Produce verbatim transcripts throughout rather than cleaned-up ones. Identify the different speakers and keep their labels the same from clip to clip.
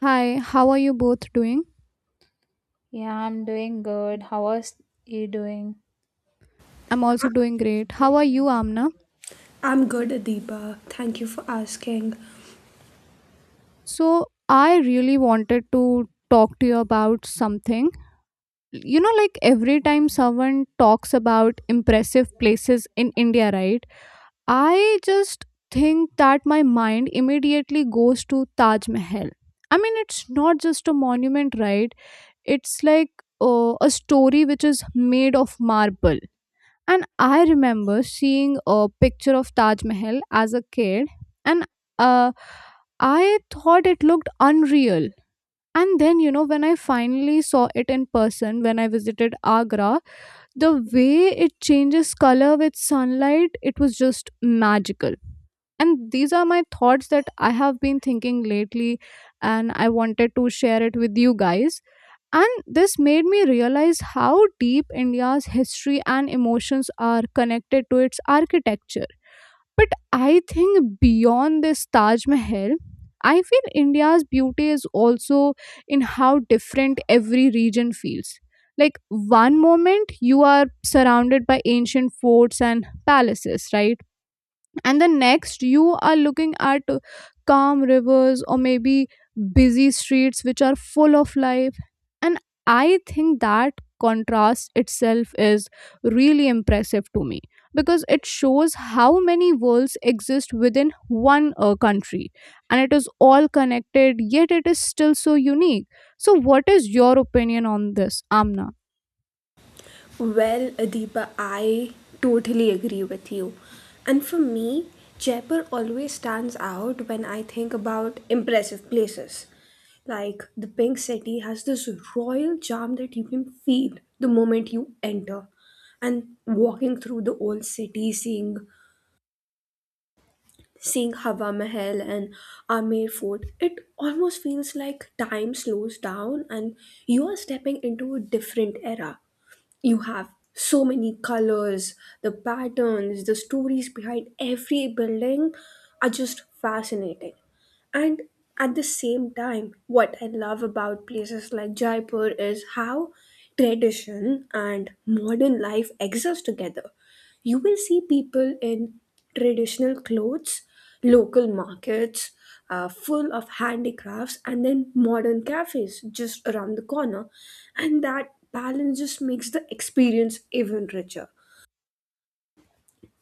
Speaker 1: Hi, how are you both doing?
Speaker 2: Yeah, I'm doing good. How was you doing?
Speaker 1: I'm also doing great. How are you, Amna?
Speaker 3: I'm good, Adiba. Thank you for asking.
Speaker 1: So, I really wanted to talk to you about something. You know, like every time someone talks about impressive places in India, right? I just think that my mind immediately goes to Taj Mahal. I mean, it's not just a monument, right? It's like uh, a story which is made of marble. And I remember seeing a picture of Taj Mahal as a kid, and uh, I thought it looked unreal. And then, you know, when I finally saw it in person, when I visited Agra, the way it changes color with sunlight, it was just magical. And these are my thoughts that I have been thinking lately, and I wanted to share it with you guys. And this made me realize how deep India's history and emotions are connected to its architecture. But I think beyond this Taj Mahal, I feel India's beauty is also in how different every region feels. Like one moment you are surrounded by ancient forts and palaces, right? And the next you are looking at calm rivers, or maybe busy streets which are full of life. And I think that contrast itself is really impressive to me, because it shows how many worlds exist within one uh, country, and it is all connected yet it is still so unique. So, what is your opinion on this, Amna?
Speaker 3: Well, Adiba, I totally agree with you. And for me, Jaipur always stands out when I think about impressive places. Like the Pink City has this royal charm that you can feel the moment you enter. And walking through the old city, seeing Seeing Hawa Mahal and Amer Fort, it almost feels like time slows down and you are stepping into a different era. You have so many colors, the patterns, the stories behind every building are just fascinating. And at the same time, what I love about places like Jaipur is how tradition and modern life exist together. You will see people in traditional clothes, local markets, uh, full of handicrafts, and then modern cafes just around the corner. And that balance just makes the experience even richer,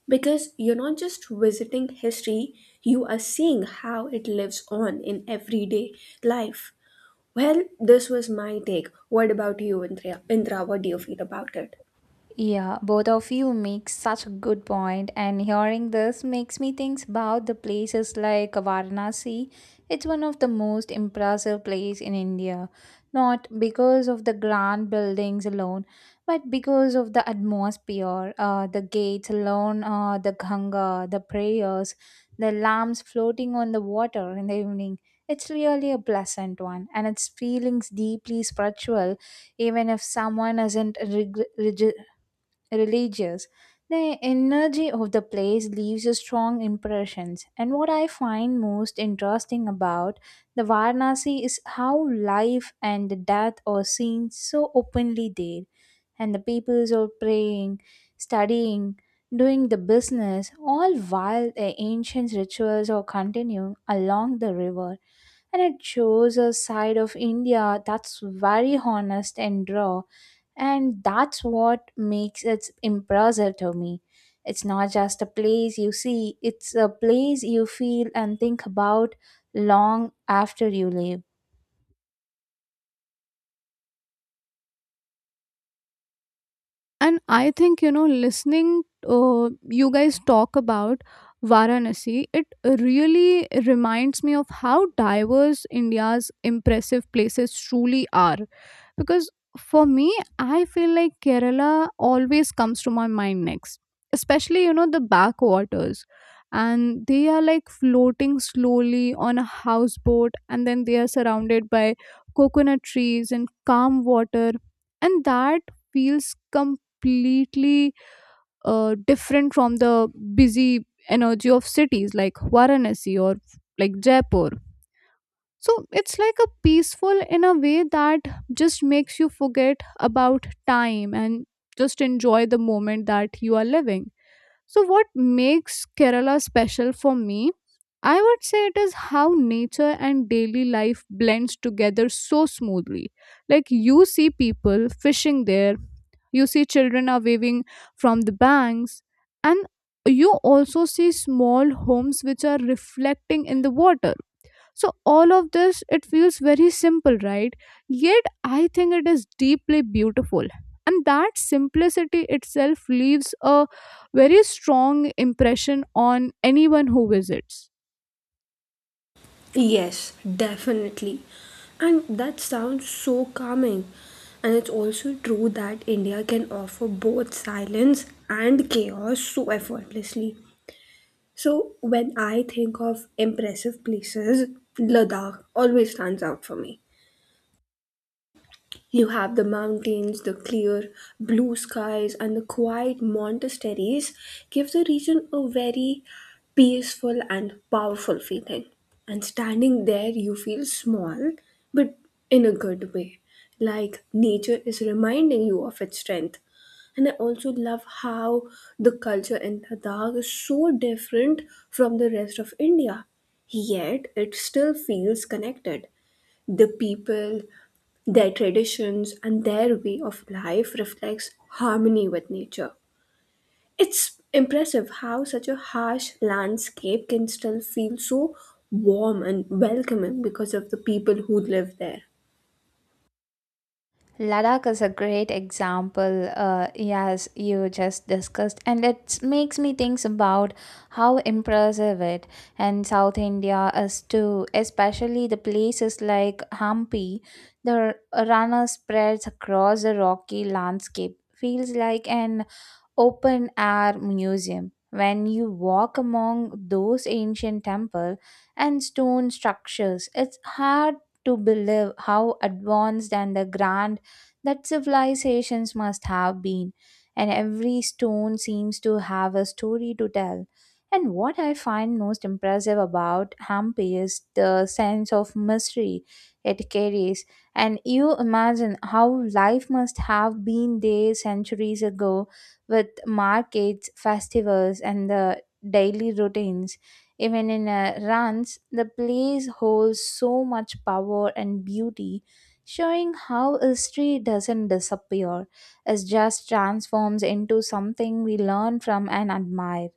Speaker 3: because you're not just visiting history, you are seeing how it lives on in everyday life. Well, this was my take. What about you, Indra? Indra, what do you feel about it?
Speaker 2: Yeah, both of you make such a good point, and hearing this makes me think about the places like Varanasi. It's one of the most impressive place in India, not because of the grand buildings alone, but because of the atmosphere, uh, the gates alone, uh, the Ganga, the prayers, the lamps floating on the water in the evening. It's really a pleasant one, and its feelings deeply spiritual even if someone isn't rig- religious. The energy of the place leaves a strong impressions. And what I find most interesting about the Varanasi is how life and death are seen so openly there. And the peoples are praying, studying, doing the business, all while the ancient rituals are continuing along the river, and it shows a side of India that's very honest and raw, and that's what makes it impressive to me. It's not just a place you see, it's a place you feel and think about long after you leave.
Speaker 1: And I think, you know, listening, uh, you guys talk about Varanasi, it really reminds me of how diverse India's impressive places truly are. Because for me, I feel like Kerala always comes to my mind next, especially, you know, the backwaters. And they are like floating slowly on a houseboat, and then they are surrounded by coconut trees and calm water. And that feels completely completely uh, different from the busy energy of cities like Varanasi or like Jaipur. So it's like a peaceful in a way that just makes you forget about time and just enjoy the moment that you are living. So, what makes Kerala special for me? I would say it is how nature and daily life blends together so smoothly. Like you see people fishing there, you see children are waving from the banks, and you also see small homes which are reflecting in the water. So, all of this, it feels very simple, right? Yet, I think it is deeply beautiful. And that simplicity itself leaves a very strong impression on anyone who visits.
Speaker 3: Yes, definitely. And that sounds so calming. And it's also true that India can offer both silence and chaos so effortlessly. So when I think of impressive places, Ladakh always stands out for me. You have the mountains, the clear blue skies, and the quiet monasteries give the region a very peaceful and powerful feeling. And standing there, you feel small, but in a good way. Like nature is reminding you of its strength. And I also love how the culture in Ladakh is so different from the rest of India. Yet it still feels connected. The people, their traditions and their way of life reflects harmony with nature. It's impressive how such a harsh landscape can still feel so warm and welcoming because of the people who live there.
Speaker 2: Ladakh is a great example, uh, as you just discussed, and it makes me think about how impressive it and South India is too, especially the places like Hampi. The runner spreads across the rocky landscape, feels like an open air museum. When you walk among those ancient temple and stone structures, it's hard to believe how advanced and the grand that civilizations must have been, and every stone seems to have a story to tell. And what I find most impressive about Hampi is the sense of mystery it carries, and you imagine how life must have been there centuries ago with markets, festivals, and the daily routines. Even in a runs, the place holds so much power and beauty, showing how history doesn't disappear, it just transforms into something we learn from and admire.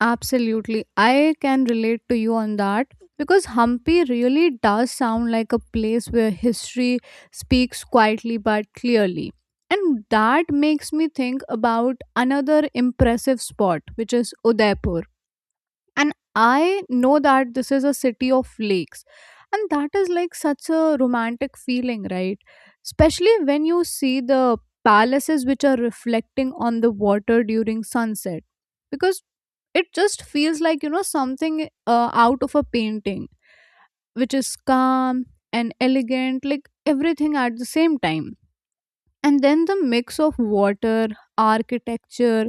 Speaker 1: Absolutely. I can relate to you on that because Hampi really does sound like a place where history speaks quietly but clearly. And that makes me think about another impressive spot, which is Udaipur, and I know that this is a city of lakes, and that is like such a romantic feeling, right? Especially when you see the palaces which are reflecting on the water during sunset, because it just feels like, you know, something uh, out of a painting, which is calm and elegant like everything at the same time. And then the mix of water, architecture,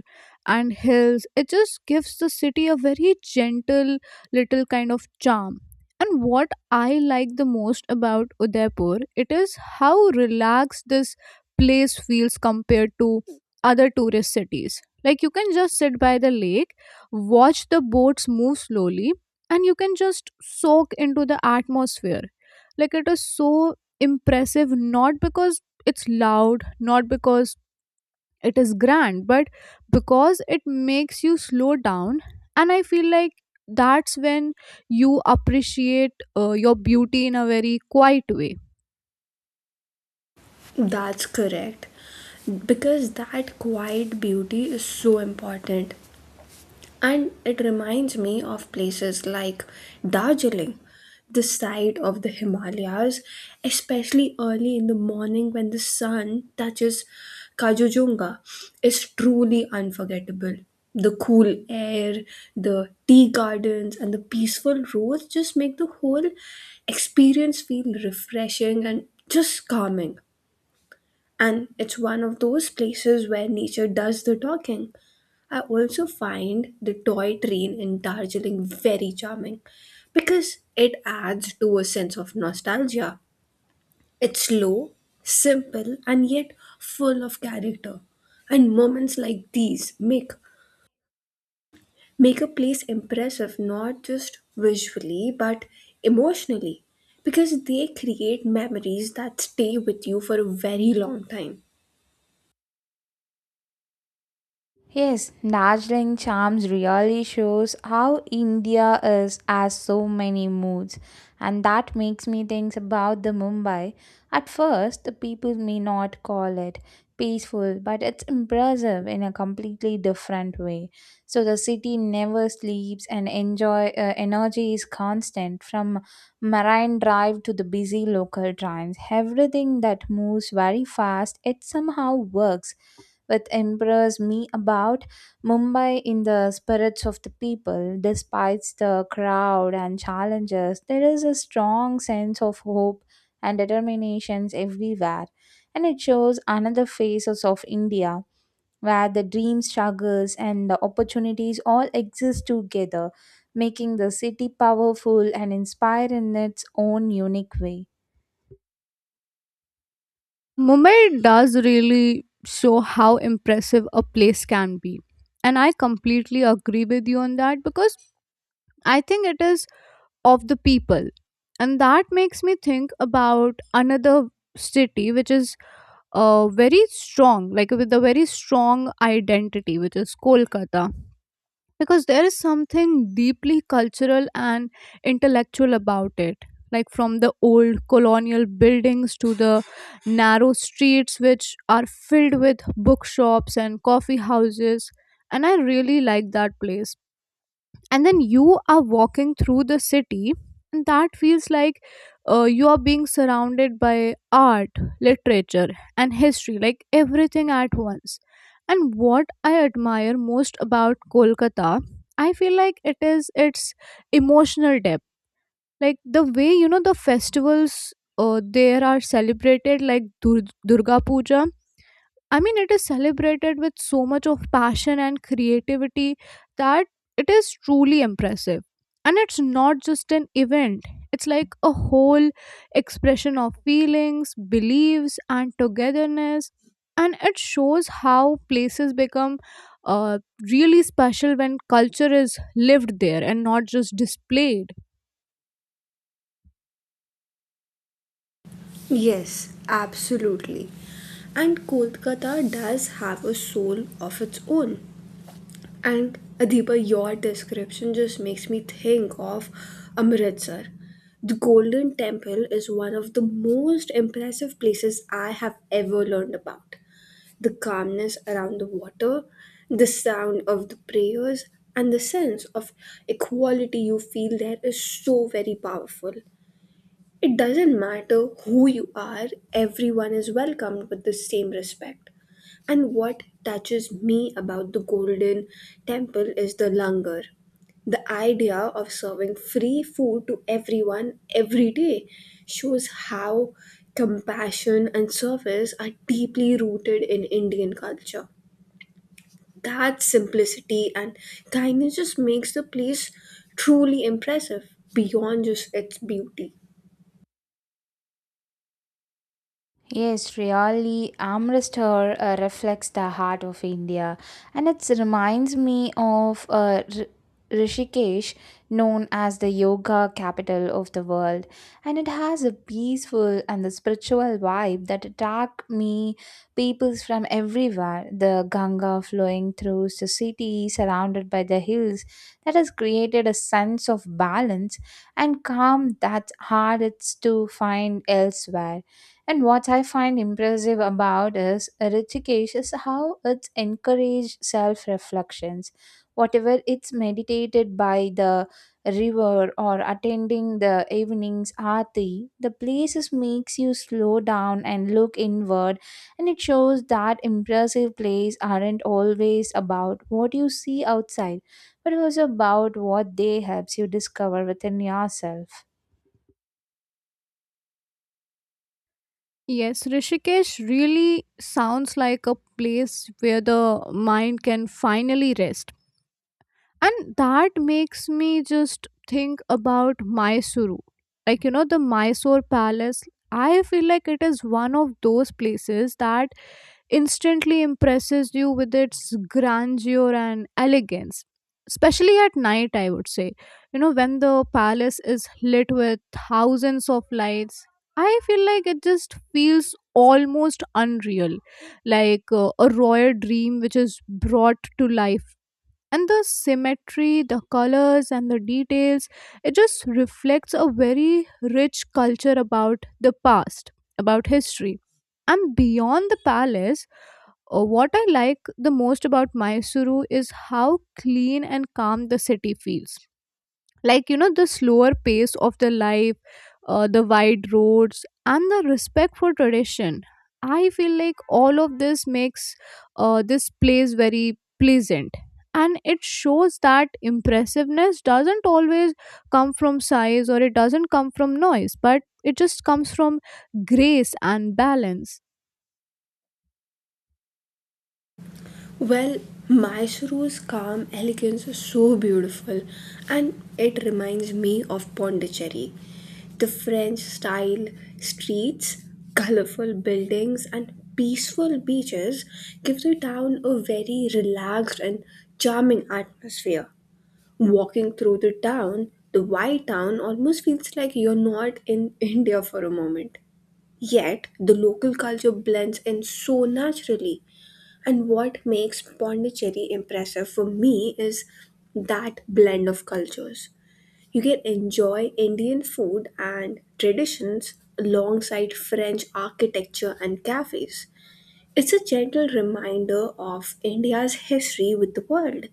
Speaker 1: and hills, it just gives the city a very gentle, little kind of charm. And what I like the most about Udaipur, it is how relaxed this place feels compared to other tourist cities. Like you can just sit by the lake, watch the boats move slowly, and you can just soak into the atmosphere. Like it is so impressive, not because it's loud, not because it is grand, but because it makes you slow down. And I feel like that's when you appreciate uh, your beauty in a very quiet way.
Speaker 3: That's correct. Because that quiet beauty is so important. And it reminds me of places like Darjeeling, the side of the Himalayas, especially early in the morning when the sun touches Kajujunga, is truly unforgettable. The cool air, the tea gardens, and the peaceful roads just make the whole experience feel refreshing and just calming. And it's one of those places where nature does the talking. I also find the toy train in Darjeeling very charming because it adds to a sense of nostalgia. It's slow, simple, and yet full of character. And moments like these make make a place impressive not just visually but emotionally, because they create memories that stay with you for a very long time.
Speaker 2: Yes, Darjeeling Charms really shows how India is has so many moods, and that makes me think about the Mumbai. At first, the people may not call it peaceful, but it's impressive in a completely different way. So the city never sleeps, and enjoy uh, energy is constant from Marine Drive to the busy local trains. Everything that moves very fast, it somehow works with impress me about Mumbai in the spirits of the people. Despite the crowd and challenges, there is a strong sense of hope and determinations everywhere. And it shows another faces of India where the dreams, struggles, and the opportunities all exist together, making the city powerful and inspiring in its own unique way.
Speaker 1: Mumbai does really show how impressive a place can be. And I completely agree with you on that, because I think it is of the people. And that makes me think about another city, which is uh, very strong, like with a very strong identity, which is Kolkata. Because there is something deeply cultural and intellectual about it, like from the old colonial buildings to the narrow streets which are filled with bookshops and coffee houses. And I really like that place. And then you are walking through the city, and that feels like uh, you are being surrounded by art, literature, and history, like everything at once. And what I admire most about Kolkata, I feel like it is its emotional depth. Like the way, you know, the festivals uh, there are celebrated, like Dur- durga puja, I mean, it is celebrated with so much of passion and creativity that it is truly impressive. And it's not just an event, it's like a whole expression of feelings, beliefs, and togetherness. And it shows how places become uh, really special when culture is lived there and not just displayed.
Speaker 3: Yes, absolutely. And Kolkata does have a soul of its own. And Adiba, your description just makes me think of Amritsar. The Golden Temple is one of the most impressive places I have ever learned about. The calmness around the water, the sound of the prayers, and the sense of equality you feel there is so very powerful. It doesn't matter who you are, everyone is welcomed with the same respect. And what touches me about the Golden Temple is the langar. The idea of serving free food to everyone every day shows how compassion and service are deeply rooted in Indian culture. That simplicity and kindness just makes the place truly impressive beyond just its beauty.
Speaker 2: Yes, really, Amritsar uh, reflects the heart of India, and it reminds me of uh, R- Rishikesh, known as the yoga capital of the world, and it has a peaceful and the spiritual vibe that attract me peoples from everywhere. The Ganga flowing through the city, surrounded by the hills, that has created a sense of balance and calm that's hard it's to find elsewhere. And what I find impressive about is Rishikesh is how it's encouraged self reflections. Whatever it's meditated by the river or attending the evening's aarti, the places makes you slow down and look inward, and it shows that impressive plays aren't always about what you see outside, but also about what they helps you discover within yourself.
Speaker 1: Yes, Rishikesh really sounds like a place where the mind can finally rest. And that makes me just think about Mysuru. Like, you know, the Mysore Palace, I feel like it is one of those places that instantly impresses you with its grandeur and elegance. Especially at night, I would say. You know, when the palace is lit with thousands of lights, I feel like it just feels almost unreal, like uh, a royal dream which is brought to life. And the symmetry, the colors, and the details, it just reflects a very rich culture about the past, about history. And beyond the palace, uh, what I like the most about Mysuru is how clean and calm the city feels. Like, you know, the slower pace of the life, uh, the wide roads and the respect for tradition, I feel like all of this makes uh, this place very pleasant. And it shows that impressiveness doesn't always come from size, or it doesn't come from noise, but it just comes from grace and balance.
Speaker 3: Well, Mysuru's calm elegance is so beautiful and it reminds me of Pondicherry. The French style streets, colorful buildings, and peaceful beaches give the town a very relaxed and charming atmosphere. Walking through the town, the white town almost feels like you're not in India for a moment. Yet, the local culture blends in so naturally. And what makes Pondicherry impressive for me is that blend of cultures. You can enjoy Indian food and traditions alongside French architecture and cafes. It's a gentle reminder of India's history with the world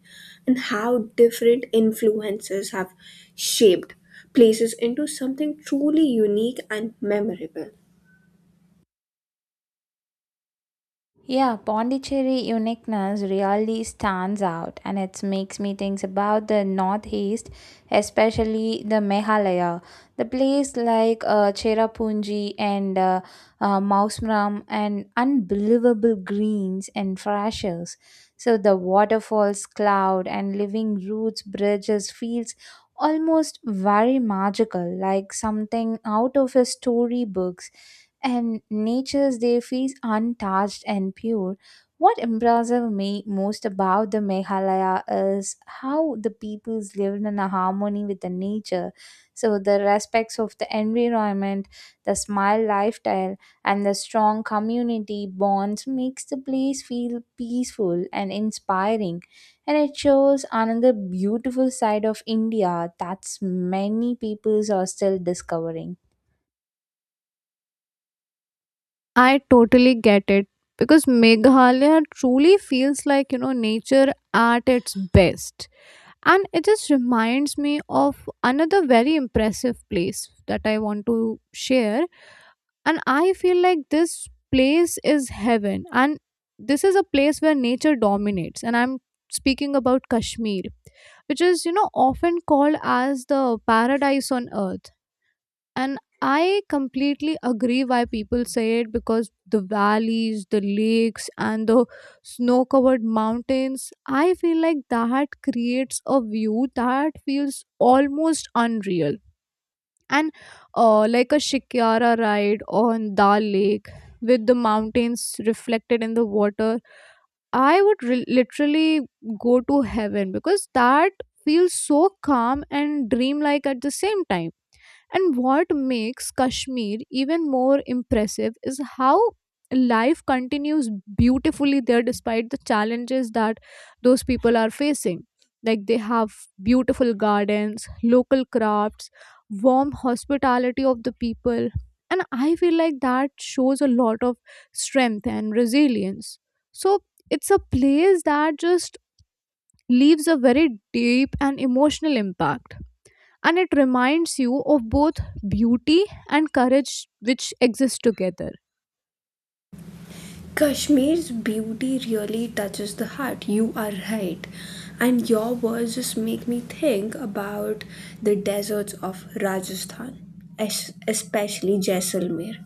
Speaker 3: and how different influences have shaped places into something truly unique and memorable.
Speaker 2: Yeah, Pondicherry uniqueness really stands out, and it makes me think about the northeast, especially the Meghalaya. The place like uh, Cherrapunji and uh, uh, Mausram and unbelievable greens and freshers. So the waterfalls, cloud and living roots, bridges, feels almost very magical, like something out of a storybook, and nature's they feels untouched and pure. What impresses me most about the Meghalaya is how the peoples live in a harmony with the nature. So the respects of the environment, the smile lifestyle, and the strong community bonds makes the place feel peaceful and inspiring. And it shows another beautiful side of India that many peoples are still discovering.
Speaker 1: I totally get it, because Meghalaya truly feels like, you know, nature at its best. And it just reminds me of another very impressive place that I want to share. And I feel like this place is heaven. And this is a place where nature dominates. And I'm speaking about Kashmir, which is, you know, often called as the paradise on earth. And I completely agree why people say it, because the valleys, the lakes, and the snow covered mountains, I feel like that creates a view that feels almost unreal. And uh, like a Shikyara ride on Dal Lake with the mountains reflected in the water, I would re- literally go to heaven because that feels so calm and dreamlike at the same time. And what makes Kashmir even more impressive is how life continues beautifully there despite the challenges that those people are facing. Like they have beautiful gardens, local crafts, warm hospitality of the people. And I feel like that shows a lot of strength and resilience. So it's a place that just leaves a very deep and emotional impact, and it reminds you of both beauty and courage which exist together.
Speaker 3: Kashmir's beauty really touches the heart. You are right. And your words just make me think about the deserts of Rajasthan, es- especially Jaisalmer.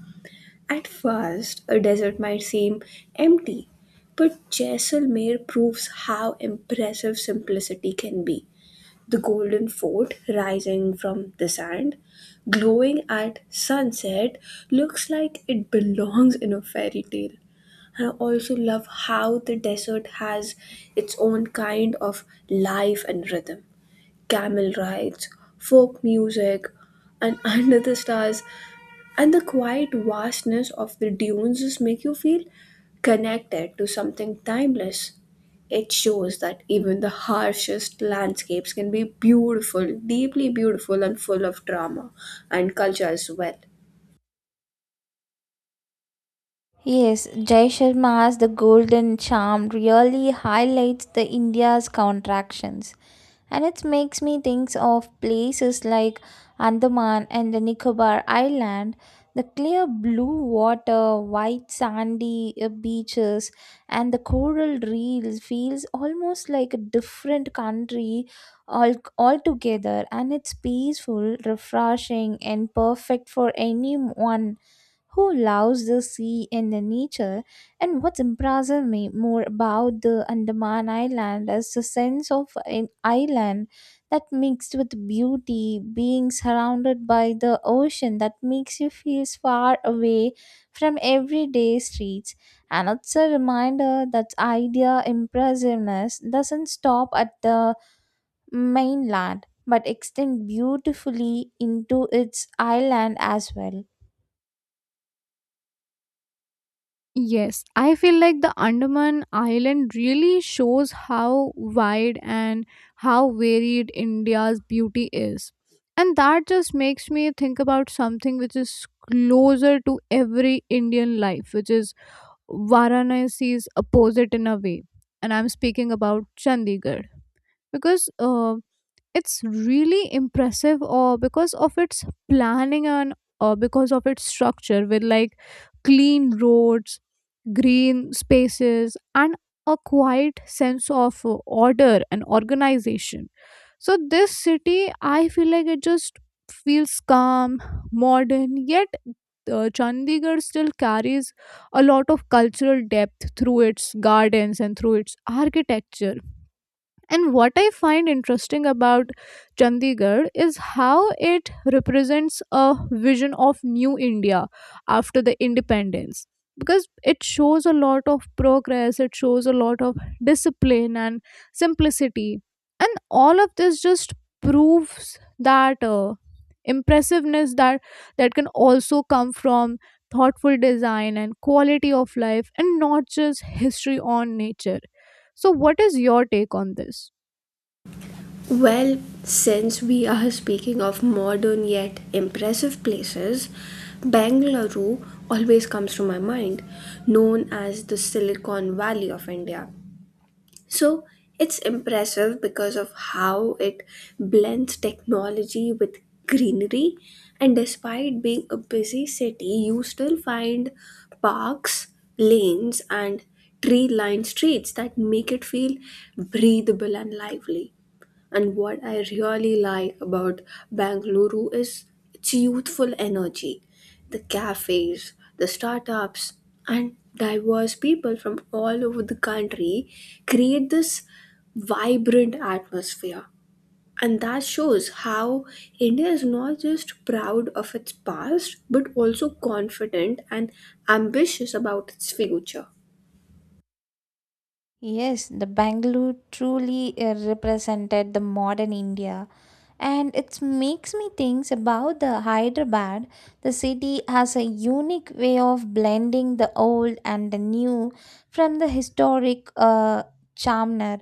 Speaker 3: At first, a desert might seem empty, but Jaisalmer proves how impressive simplicity can be. The golden fort rising from the sand, glowing at sunset, looks like it belongs in a fairy tale. I also love how the desert has its own kind of life and rhythm. Camel rides, folk music, and under the stars, and the quiet vastness of the dunes just make you feel connected to something timeless. It shows that even the harshest landscapes can be beautiful, deeply beautiful, and full of drama and culture as well.
Speaker 2: Yes, Jai Sharma as the golden charm really highlights the India's contractions. And it makes me think of places like Andaman and the Nicobar Island. The clear blue water, white sandy uh, beaches, and the coral reefs feels almost like a different country all altogether. And it's peaceful, refreshing, and perfect for anyone who loves the sea and the nature. And what impresses me more about the Andaman Island is the sense of an island that mixed with beauty, being surrounded by the ocean that makes you feel far away from everyday streets. And it's a reminder that idea impressiveness doesn't stop at the mainland but extend beautifully into its island as well.
Speaker 1: Yes, I feel like the Andaman Island really shows how wide and how varied India's beauty is. And that just makes me think about something which is closer to every Indian life, which is Varanasi's opposite in a way. And I'm speaking about Chandigarh. Because uh, it's really impressive uh, because of its planning and uh, because of its structure, with like clean roads, green spaces, and a quiet sense of uh, order and organization. So this city, I feel like it just feels calm, modern. Yet uh, Chandigarh still carries a lot of cultural depth through its gardens and through its architecture. And what I find interesting about Chandigarh is how it represents a vision of new India after the independence. Because it shows a lot of progress, it shows a lot of discipline and simplicity. And all of this just proves that uh, impressiveness that, that can also come from thoughtful design and quality of life, and not just history on nature. So, what is your take on this?
Speaker 3: Well, since we are speaking of modern yet impressive places, Bengaluru always comes to my mind, known as the Silicon Valley of India. So, it's impressive because of how it blends technology with greenery, and despite being a busy city, you still find parks, lanes, and tree lined streets that make it feel breathable and lively. And what I really like about Bangalore is its youthful energy. The cafes, the startups, and diverse people from all over the country create this vibrant atmosphere. And that shows how India is not just proud of its past, but also confident and ambitious about its future.
Speaker 2: Yes, the Bangalore truly uh, represented the modern India. And it makes me think about the Hyderabad. The city has a unique way of blending the old and the new from the historic uh, Chamnar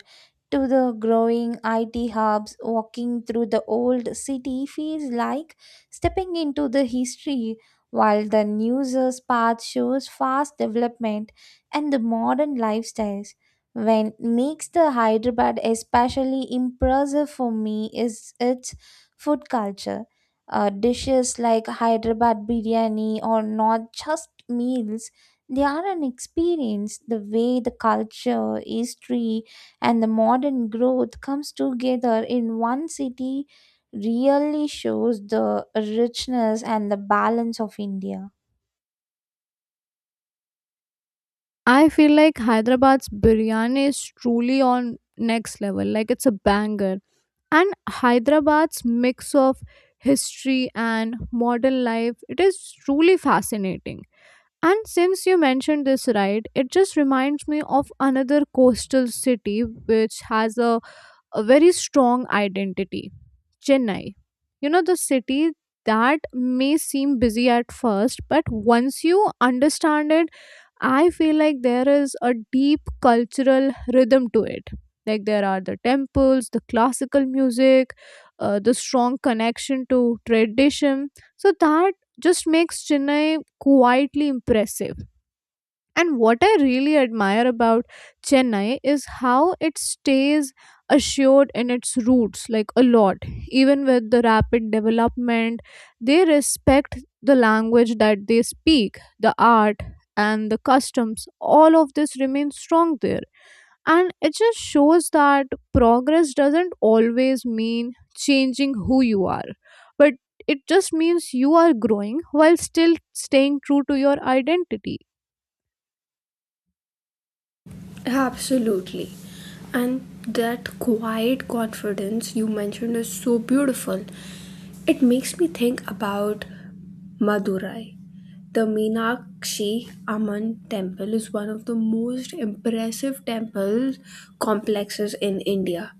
Speaker 2: to the growing I T hubs. Walking through the old city feels like stepping into the history, while the news's path shows fast development and the modern lifestyles when makes the Hyderabad especially impressive for me is its food culture. Uh, dishes like Hyderabad biryani are not just meals, they are an experience. The way the culture, history, and the modern growth comes together in one city really shows the richness and the balance of India.
Speaker 1: I feel like Hyderabad's biryani is truly on next level. Like it's a banger. And Hyderabad's mix of history and modern life, it is truly fascinating. And since you mentioned this ride, it just reminds me of another coastal city which has a a very strong identity. Chennai. You know, the city that may seem busy at first, but once you understand it, I feel like there is a deep cultural rhythm to it. Like there are the temples, the classical music, uh, the strong connection to tradition. So that just makes Chennai quietly impressive. And what I really admire about Chennai is how it stays assured in its roots, like a lot. Even with the rapid development, they respect the language that they speak, the art, and the customs. All of this remains strong there. And it just shows that progress doesn't always mean changing who you are, but it just means you are growing while still staying true to your identity.
Speaker 3: Absolutely. And that quiet confidence you mentioned is so beautiful. It makes me think about Madurai. The Meenakshi Amman temple is one of the most impressive temple complexes in India.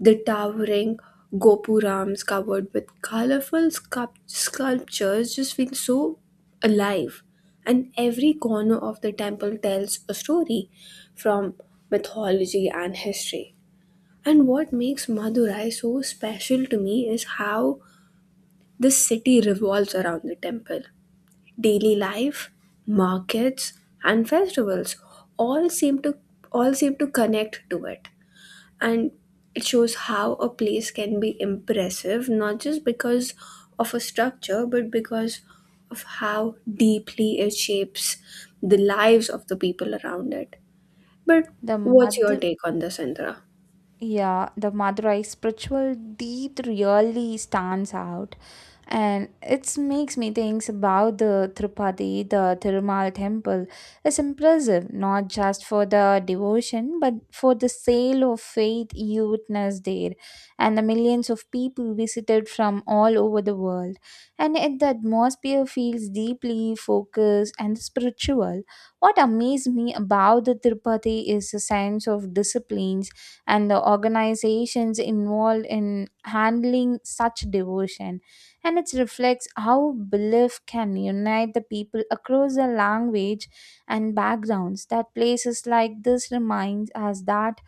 Speaker 3: The towering gopurams covered with colorful sculp- sculptures just feel so alive. And every corner of the temple tells a story from mythology and history. And what makes Madurai so special to me is how the city revolves around the temple. Daily life, markets, and festivals all seem to all seem to connect to it, and it shows how a place can be impressive not just because of a structure but because of how deeply it shapes the lives of the people around it. But
Speaker 2: The
Speaker 3: what's your
Speaker 2: Madh-
Speaker 3: take on this, Indra?
Speaker 2: Yeah, the Madurai spiritual deed really stands out. And it makes me think about the Tirupati, the Tirumal temple. It's impressive, not just for the devotion, but for the sale of faith you witness there. And the millions of people visited from all over the world. And yet the atmosphere feels deeply focused and spiritual. What amazed me about the Tirupati is the sense of disciplines and the organizations involved in handling such devotion, and it reflects how belief can unite the people across the language and backgrounds. That places like this reminds us that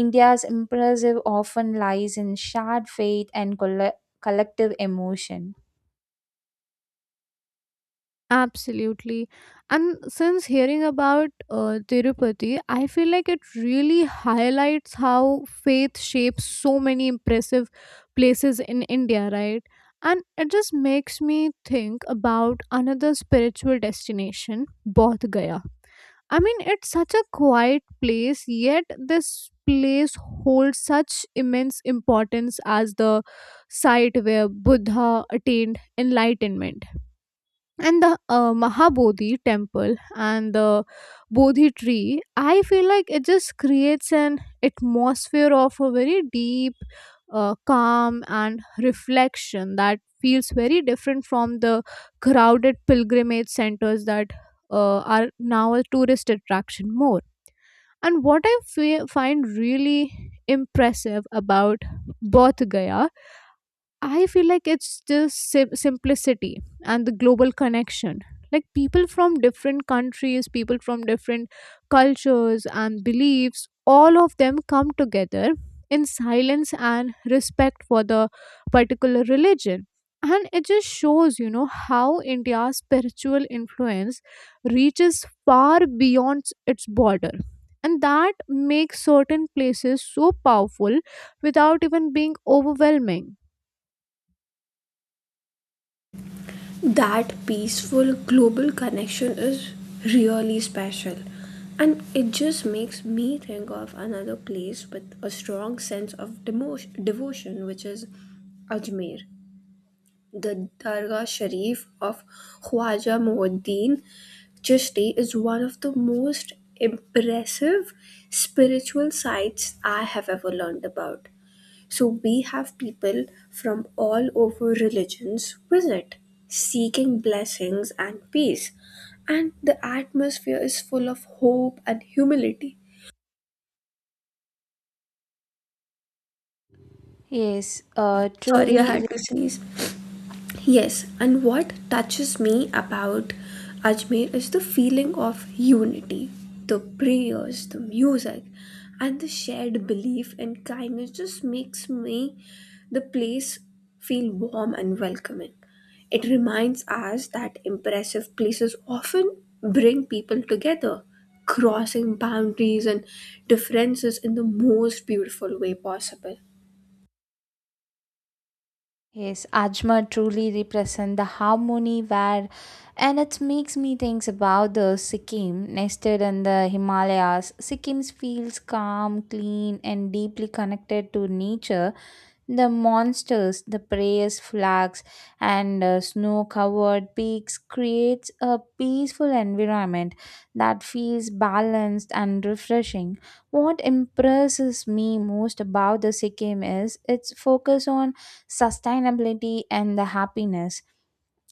Speaker 2: India's impressive often lies in shared faith and colle- collective emotion.
Speaker 1: Absolutely. And since hearing about uh, Tirupati, I feel like it really highlights how faith shapes so many impressive places in India, right? And it just makes me think about another spiritual destination, Bodh Gaya. I mean, it's such a quiet place, yet this place holds such immense importance as the site where Buddha attained enlightenment. And the uh, mahabodhi temple and the bodhi tree, I feel like it just creates an atmosphere of a very deep uh, calm and reflection that feels very different from the crowded pilgrimage centers that uh, are now a tourist attraction more. And what I fe- find really impressive about both gaya, I feel like it's just sim- simplicity and the global connection. Like people from different countries, people from different cultures and beliefs, all of them come together in silence and respect for the particular religion. And it just shows, you know, how India's spiritual influence reaches far beyond its border. And that makes certain places so powerful without even being overwhelming.
Speaker 3: That peaceful global connection is really special, and it just makes me think of another place with a strong sense of demotion, devotion, which is Ajmer. The Dargah Sharif of Khwaja Muinuddin Chishti is one of the most impressive spiritual sites I have ever learned about. So, we have people from all over religions visit, seeking blessings and peace. And the atmosphere is full of hope and humility.
Speaker 2: Yes, uh,
Speaker 3: Sorry, I
Speaker 2: truly.
Speaker 3: had to sneeze. Yes, and what touches me about Ajmer is the feeling of unity, the prayers, the music, and the shared belief in kindness just makes me the place feel warm and welcoming. It reminds us that impressive places often bring people together, crossing boundaries and differences in the most beautiful way possible.
Speaker 2: Yes, Ajmer truly represent the harmony where, and it makes me think about the Sikkim nested in the Himalayas. Sikkim feels calm, clean and deeply connected to nature. The monsters, the prayers flags, and uh, snow-covered peaks creates a peaceful environment that feels balanced and refreshing. What impresses me most about the Sikkim is its focus on sustainability and the happiness,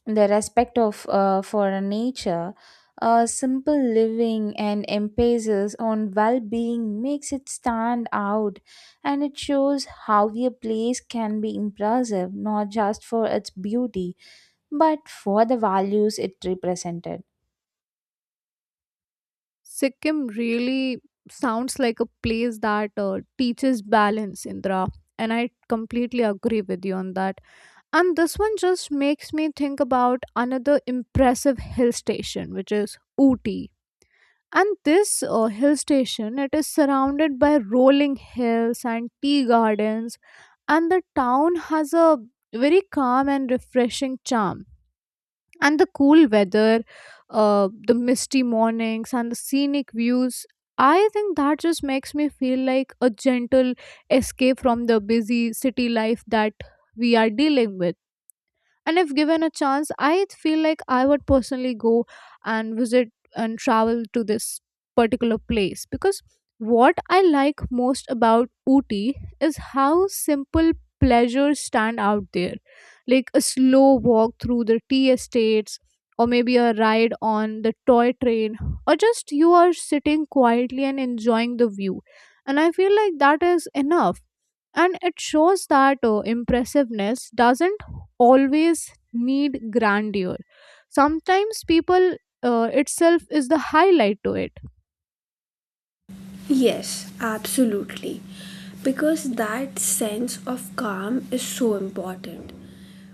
Speaker 2: the respect of uh, for nature, uh, simple living and emphasis on well-being makes it stand out, and it shows how a place can be impressive not just for its beauty but for the values it represented.
Speaker 1: Sikkim really sounds like a place that uh, teaches balance, Indra. And I completely agree with you on that. And this one just makes me think about another impressive hill station, which is Ooty. And this uh, hill station, it is surrounded by rolling hills and tea gardens. And the town has a very calm and refreshing charm. And the cool weather, uh, the misty mornings and the scenic views, I think that just makes me feel like a gentle escape from the busy city life that we are dealing with. And if given a chance, I feel like I would personally go and visit and travel to this particular place. Because what I like most about Ooty is how simple pleasures stand out there. Like a slow walk through the tea estates, or maybe a ride on the toy train, or just you are sitting quietly and enjoying the view, and I feel like that is enough. And it shows that uh, impressiveness doesn't always need grandeur. Sometimes people uh, itself is the highlight to it.
Speaker 3: Yes, absolutely. Because that sense of calm is so important,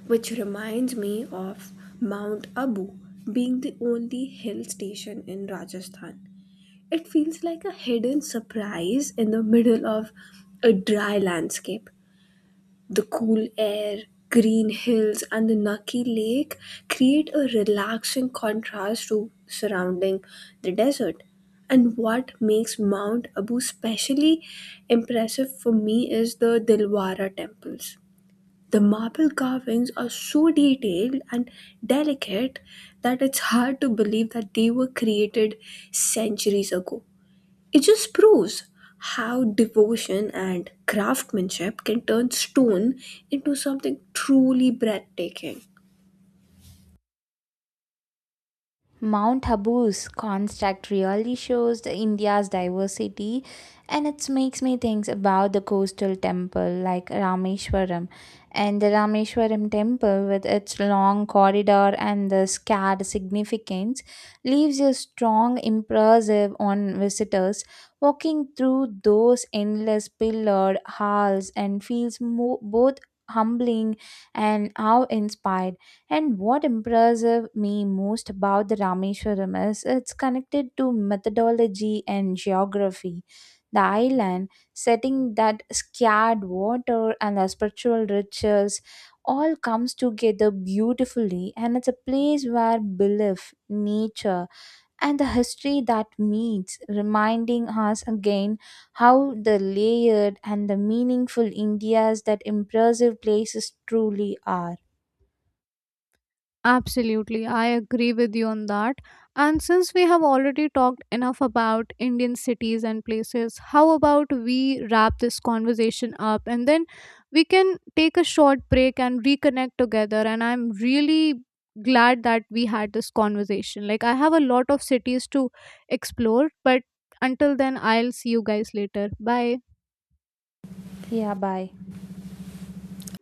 Speaker 3: which reminds me of Mount Abu being the only hill station in Rajasthan. It feels like a hidden surprise in the middle of a dry landscape. The cool air, green hills, and the Naki Lake create a relaxing contrast to surrounding the desert. And what makes Mount Abu specially impressive for me is the Dilwara temples. The marble carvings are so detailed and delicate that it's hard to believe that they were created centuries ago. It just proves how devotion and craftsmanship can turn stone into something truly breathtaking.
Speaker 2: Mount Habu's construct really shows the India's diversity, and it makes me think about the coastal temple like Rameshwaram. And the Rameshwaram temple with its long corridor and the scarred significance leaves a strong impressive on visitors. Walking through those endless pillared halls and feels mo- both humbling and awe inspired, and what impresses me most about the Rameshwaram is it's connected to methodology and geography. The island setting that scared water and the spiritual rituals all comes together beautifully, and it's a place where belief, nature and the history that meets reminding us again how the layered and the meaningful India's that impressive places truly are.
Speaker 1: Absolutely, I agree with you on that. And since we have already talked enough about Indian cities and places, how about we wrap this conversation up and then we can take a short break and reconnect together? And I'm really glad that we had this conversation. Like, I have a lot of cities to explore, but until then, I'll see you guys later. Bye.
Speaker 2: Yeah, bye.